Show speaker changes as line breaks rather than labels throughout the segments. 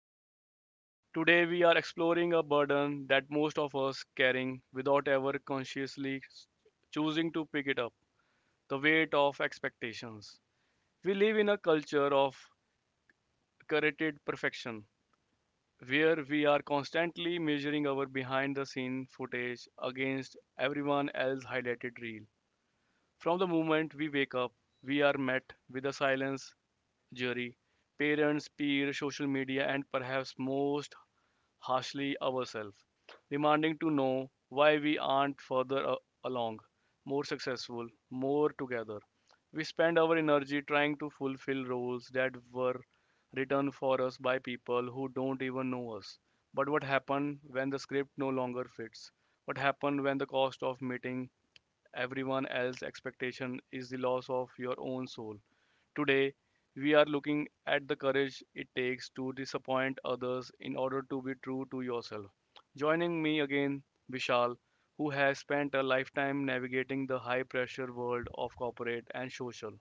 Jasmeet. Today we are exploring a burden that most of us carrying without ever consciously choosing to pick it up, the weight of expectations. We live in a culture of curated perfection where we are constantly measuring our behind the scene footage against everyone else's highlighted reel. From the moment we wake up, we are met with a silence jury, parents, peers, social media, and perhaps most harshly ourselves, demanding to know why we aren't along, more successful, more together. We spend our energy trying to fulfill roles that were written for us by people who don't even know us. But what happens when the script no longer fits? What happens when the cost of meeting everyone else's expectation is the loss of your own soul? Today, we are looking at the courage it takes to disappoint others in order to be true to yourself. Joining me again, Vishal, who has spent a lifetime navigating the high pressure world of corporate and social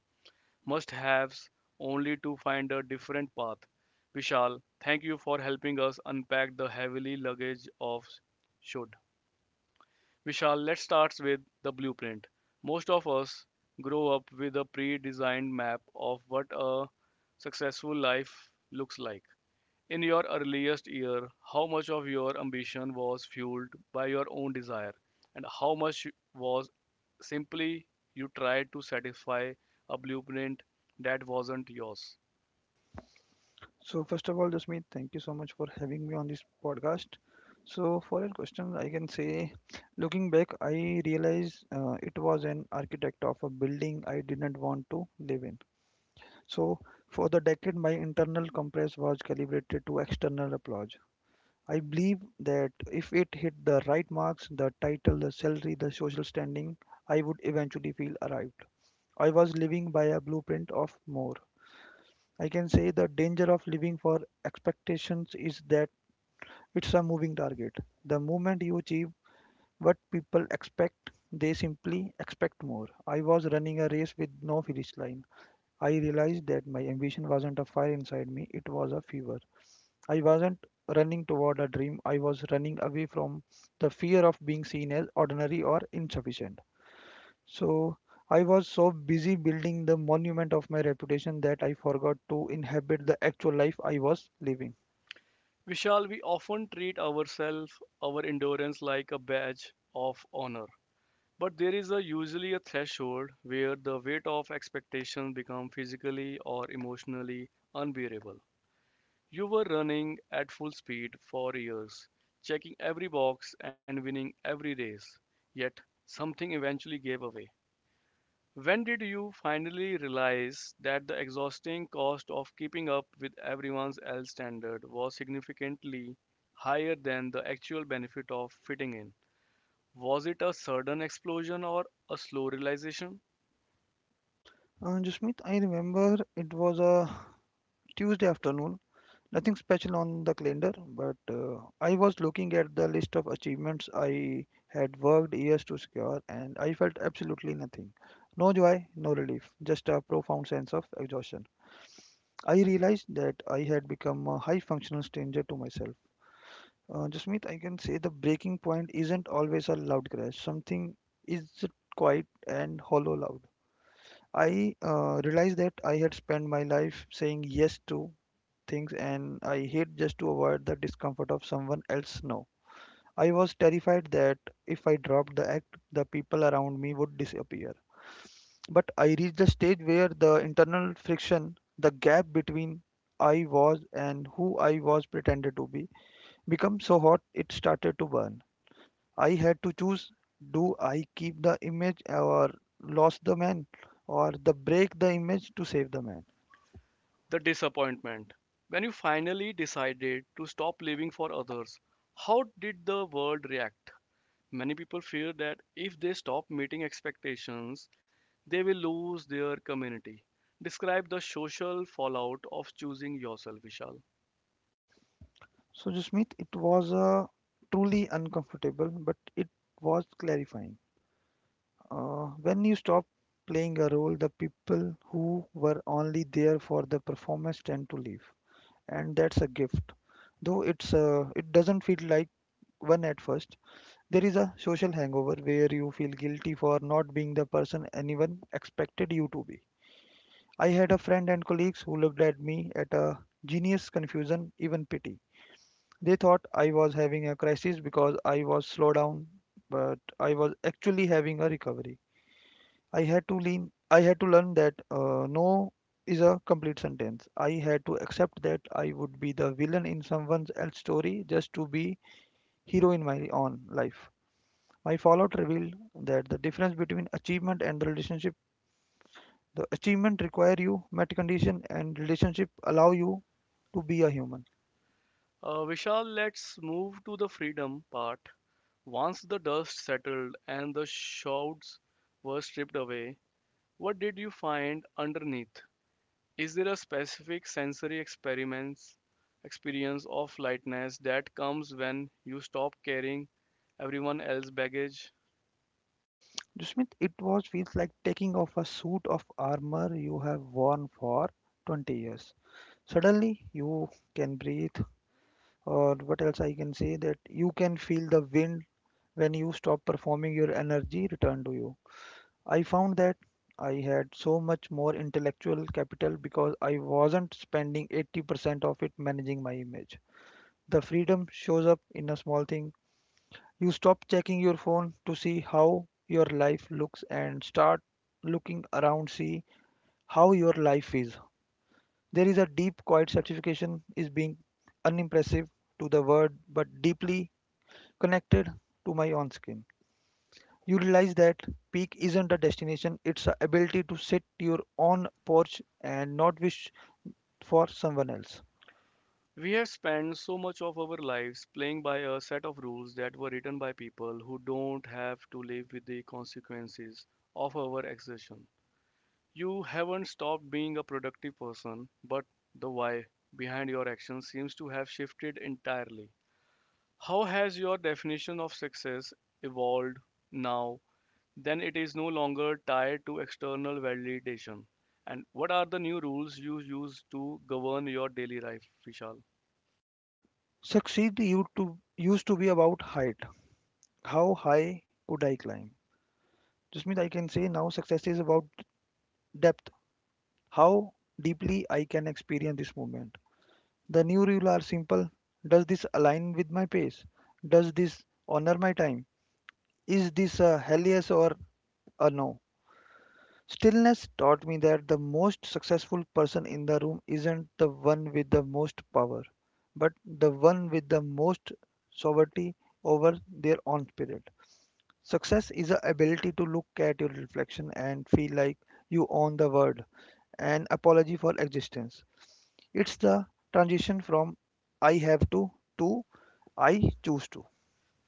must haves only to find a different path. Vishal, thank you for helping us unpack the heavily luggage of should. Vishal, let's start with the blueprint. Most of us grow up with a pre designed map of what a successful life looks like. In your earliest year, how much of your ambition was fueled by your own desire, and how much was simply you tried to satisfy a blueprint that wasn't yours?
So first of all, Jasmeet, thank you so much for having me on this podcast. So for your question, I can say, looking back, I realized it was an architect of a building I didn't want to live in. So for the decade, my internal compass was calibrated to external applause. I believe that if it hit the right marks, the title, the salary, the social standing, I would eventually feel arrived. I was living by a blueprint of more. I can say the danger of living for expectations is that it's a moving target. The moment you achieve what people expect, they simply expect more. I was running a race with no finish line. I realized that my ambition wasn't a fire inside me, it was a fever. I wasn't running toward a dream, I was running away from the fear of being seen as ordinary or insufficient. So I was so busy building the monument of my reputation that I forgot to inhabit the actual life I was living.
Vishal, we often treat ourselves, our endurance, like a badge of honor. But there is a usually a threshold where the weight of expectation become physically or emotionally unbearable. You were running at full speed for years, checking every box and winning every race, yet something eventually gave away. When did you finally realize that the exhausting cost of keeping up with everyone else's standard was significantly higher than the actual benefit of fitting in? Was it a sudden explosion or a slow realization?
Jasmeet, I remember it was a Tuesday afternoon. Nothing special on the calendar, but I was looking at the list of achievements I had worked years to secure, and I felt absolutely nothing. No joy, no relief, just a profound sense of exhaustion. I realized that I had become a high functional stranger to myself. Jasmeet, I can say the breaking point isn't always a loud crash. Something is quiet and hollow loud. I realized that I had spent my life saying yes to things and I hate just to avoid the discomfort of someone else no. I was terrified that if I dropped the act, the people around me would disappear. But I reached the stage where the internal friction, the gap between I was and who I was pretended to be, became so hot it started to burn. I had to choose, do I keep the image or lost the man, or the break the image to save the man.
The disappointment. When you finally decided to stop living for others, how did the world react? Many people fear that if they stop meeting expectations, they will lose their community. Describe the social fallout of choosing yourself, Vishal.
So Jasmeet, it was truly uncomfortable, but it was clarifying. When you stop playing a role, the people who were only there for the performance tend to leave, and that's a gift. Though it doesn't feel like one at first. There is a social hangover where you feel guilty for not being the person anyone expected you to be. I had a friend and colleagues who looked at me at a genius, confusion, even pity. They thought I was having a crisis because I was slow down, but I was actually having a recovery. I had to lean. I had to learn that no is a complete sentence. I had to accept that I would be the villain in someone else's story just to be hero in my own life. My fallout revealed that the difference between achievement and the relationship. The achievement require you, met condition and relationship allow you to be a human.
Vishal, let's move to the freedom part. Once the dust settled and the shrouds were stripped away, what did you find underneath? Is there a specific sensory experiments experience of lightness that comes when you stop carrying everyone else's baggage?
Jusmit, it was feels like taking off a suit of armor you have worn for 20 years. Suddenly you can breathe, or what else I can say that you can feel the wind when you stop performing your energy return to you. I found that I had so much more intellectual capital because I wasn't spending 80% of it managing my image. The freedom shows up in a small thing. You stop checking your phone to see how your life looks and start looking around see how your life is. There is a deep quiet satisfaction is being unimpressive to the world but deeply connected to my own skin. You realize that peak isn't a destination, it's a ability to sit your own porch and not wish for someone else.
We have spent so much of our lives playing by a set of rules that were written by people who don't have to live with the consequences of our exertion. You haven't stopped being a productive person, but the why behind your actions seems to have shifted entirely. How has your definition of success evolved now? Then it is no longer tied to external validation. And what are the new rules you use to govern your daily life, Vishal?
Succeed you to used to be about height. How high could I climb? Just means I can say now success is about depth. How deeply I can experience this movement. The new rules are simple. Does this align with my pace? Does this honor my time? Is this a hell yes or a no? Stillness taught me that the most successful person in the room isn't the one with the most power, but the one with the most sovereignty over their own spirit. Success is the ability to look at your reflection and feel like you own the world, an apology for existence. It's the transition from I have to I choose to.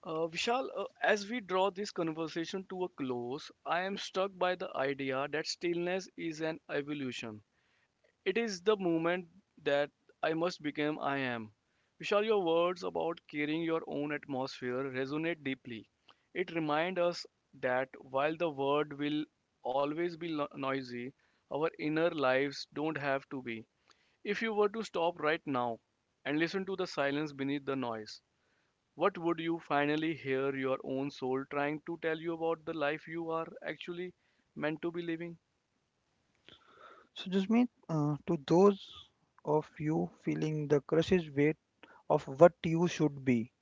Vishal, as we draw this conversation to a close, I am struck by the idea that stillness is an evolution. It is the moment that I must become I am. Vishal, your words about carrying your own atmosphere resonate deeply. It reminds us that while the world will always be noisy, our inner lives don't have to be. If you were to stop right now and listen to the silence beneath the noise, what would you finally hear your own soul trying to tell you about the life you are actually meant to be living?
So, Jasmeet, to those of you feeling the crush's weight of what you should be.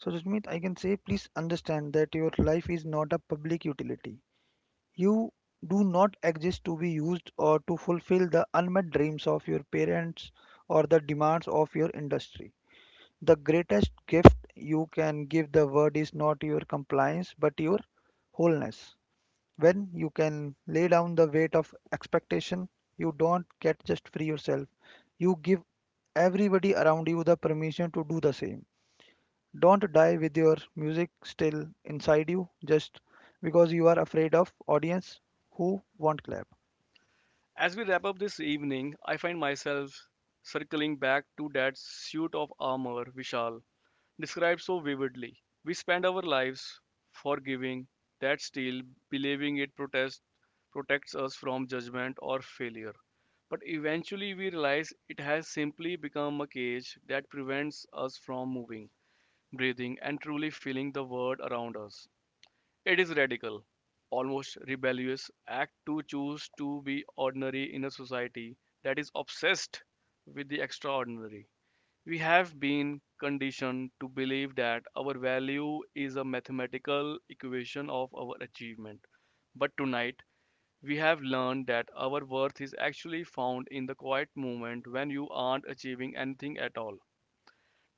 So, Jasmeet, I can say please understand that your life is not a public utility. You do not exist to be used or to fulfill the unmet dreams of your parents or the demands of your industry. The greatest gift you can give the world is not your compliance but your wholeness. When you can lay down the weight of expectation, you don't get just free yourself, you give everybody around you the permission to do the same. Don't die with your music still inside you just because you are afraid of audience who won't clap.
As we wrap up this evening, I find myself circling back to that suit of armor Vishal described so vividly. We spend our lives forgiving that steel, believing it protects us from judgment or failure. But eventually we realize it has simply become a cage that prevents us from moving, breathing, and truly feeling the world around us. It is radical, almost rebellious act to choose to be ordinary in a society that is obsessed with the extraordinary. We have been conditioned to believe that our value is a mathematical equation of our achievement. But tonight, we have learned that our worth is actually found in the quiet moment when you aren't achieving anything at all.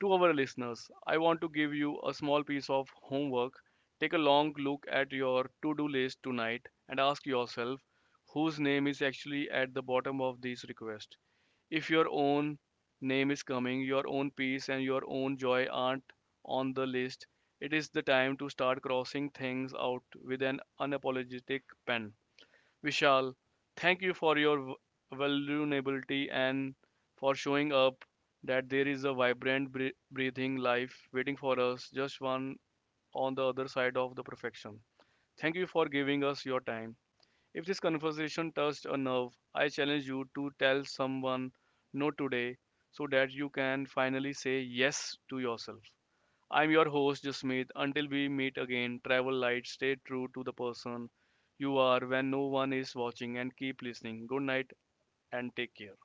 To our listeners, I want to give you a small piece of homework. Take a long look at your to do list tonight and ask yourself whose name is actually at the bottom of this request. If your own name is coming, your own peace and your own joy aren't on the list, it is the time to start crossing things out with an unapologetic pen. Vishal, thank you for your vulnerability and for showing up that there is a vibrant, breathing life waiting for us, just one on the other side of the perfection. Thank you for giving us your time. If this conversation touched a nerve, I challenge you to tell someone no today so that you can finally say yes to yourself. I'm your host, Jasmeet. Until we meet again, travel light, stay true to the person you are when no one is watching, and keep listening. Good night and take care.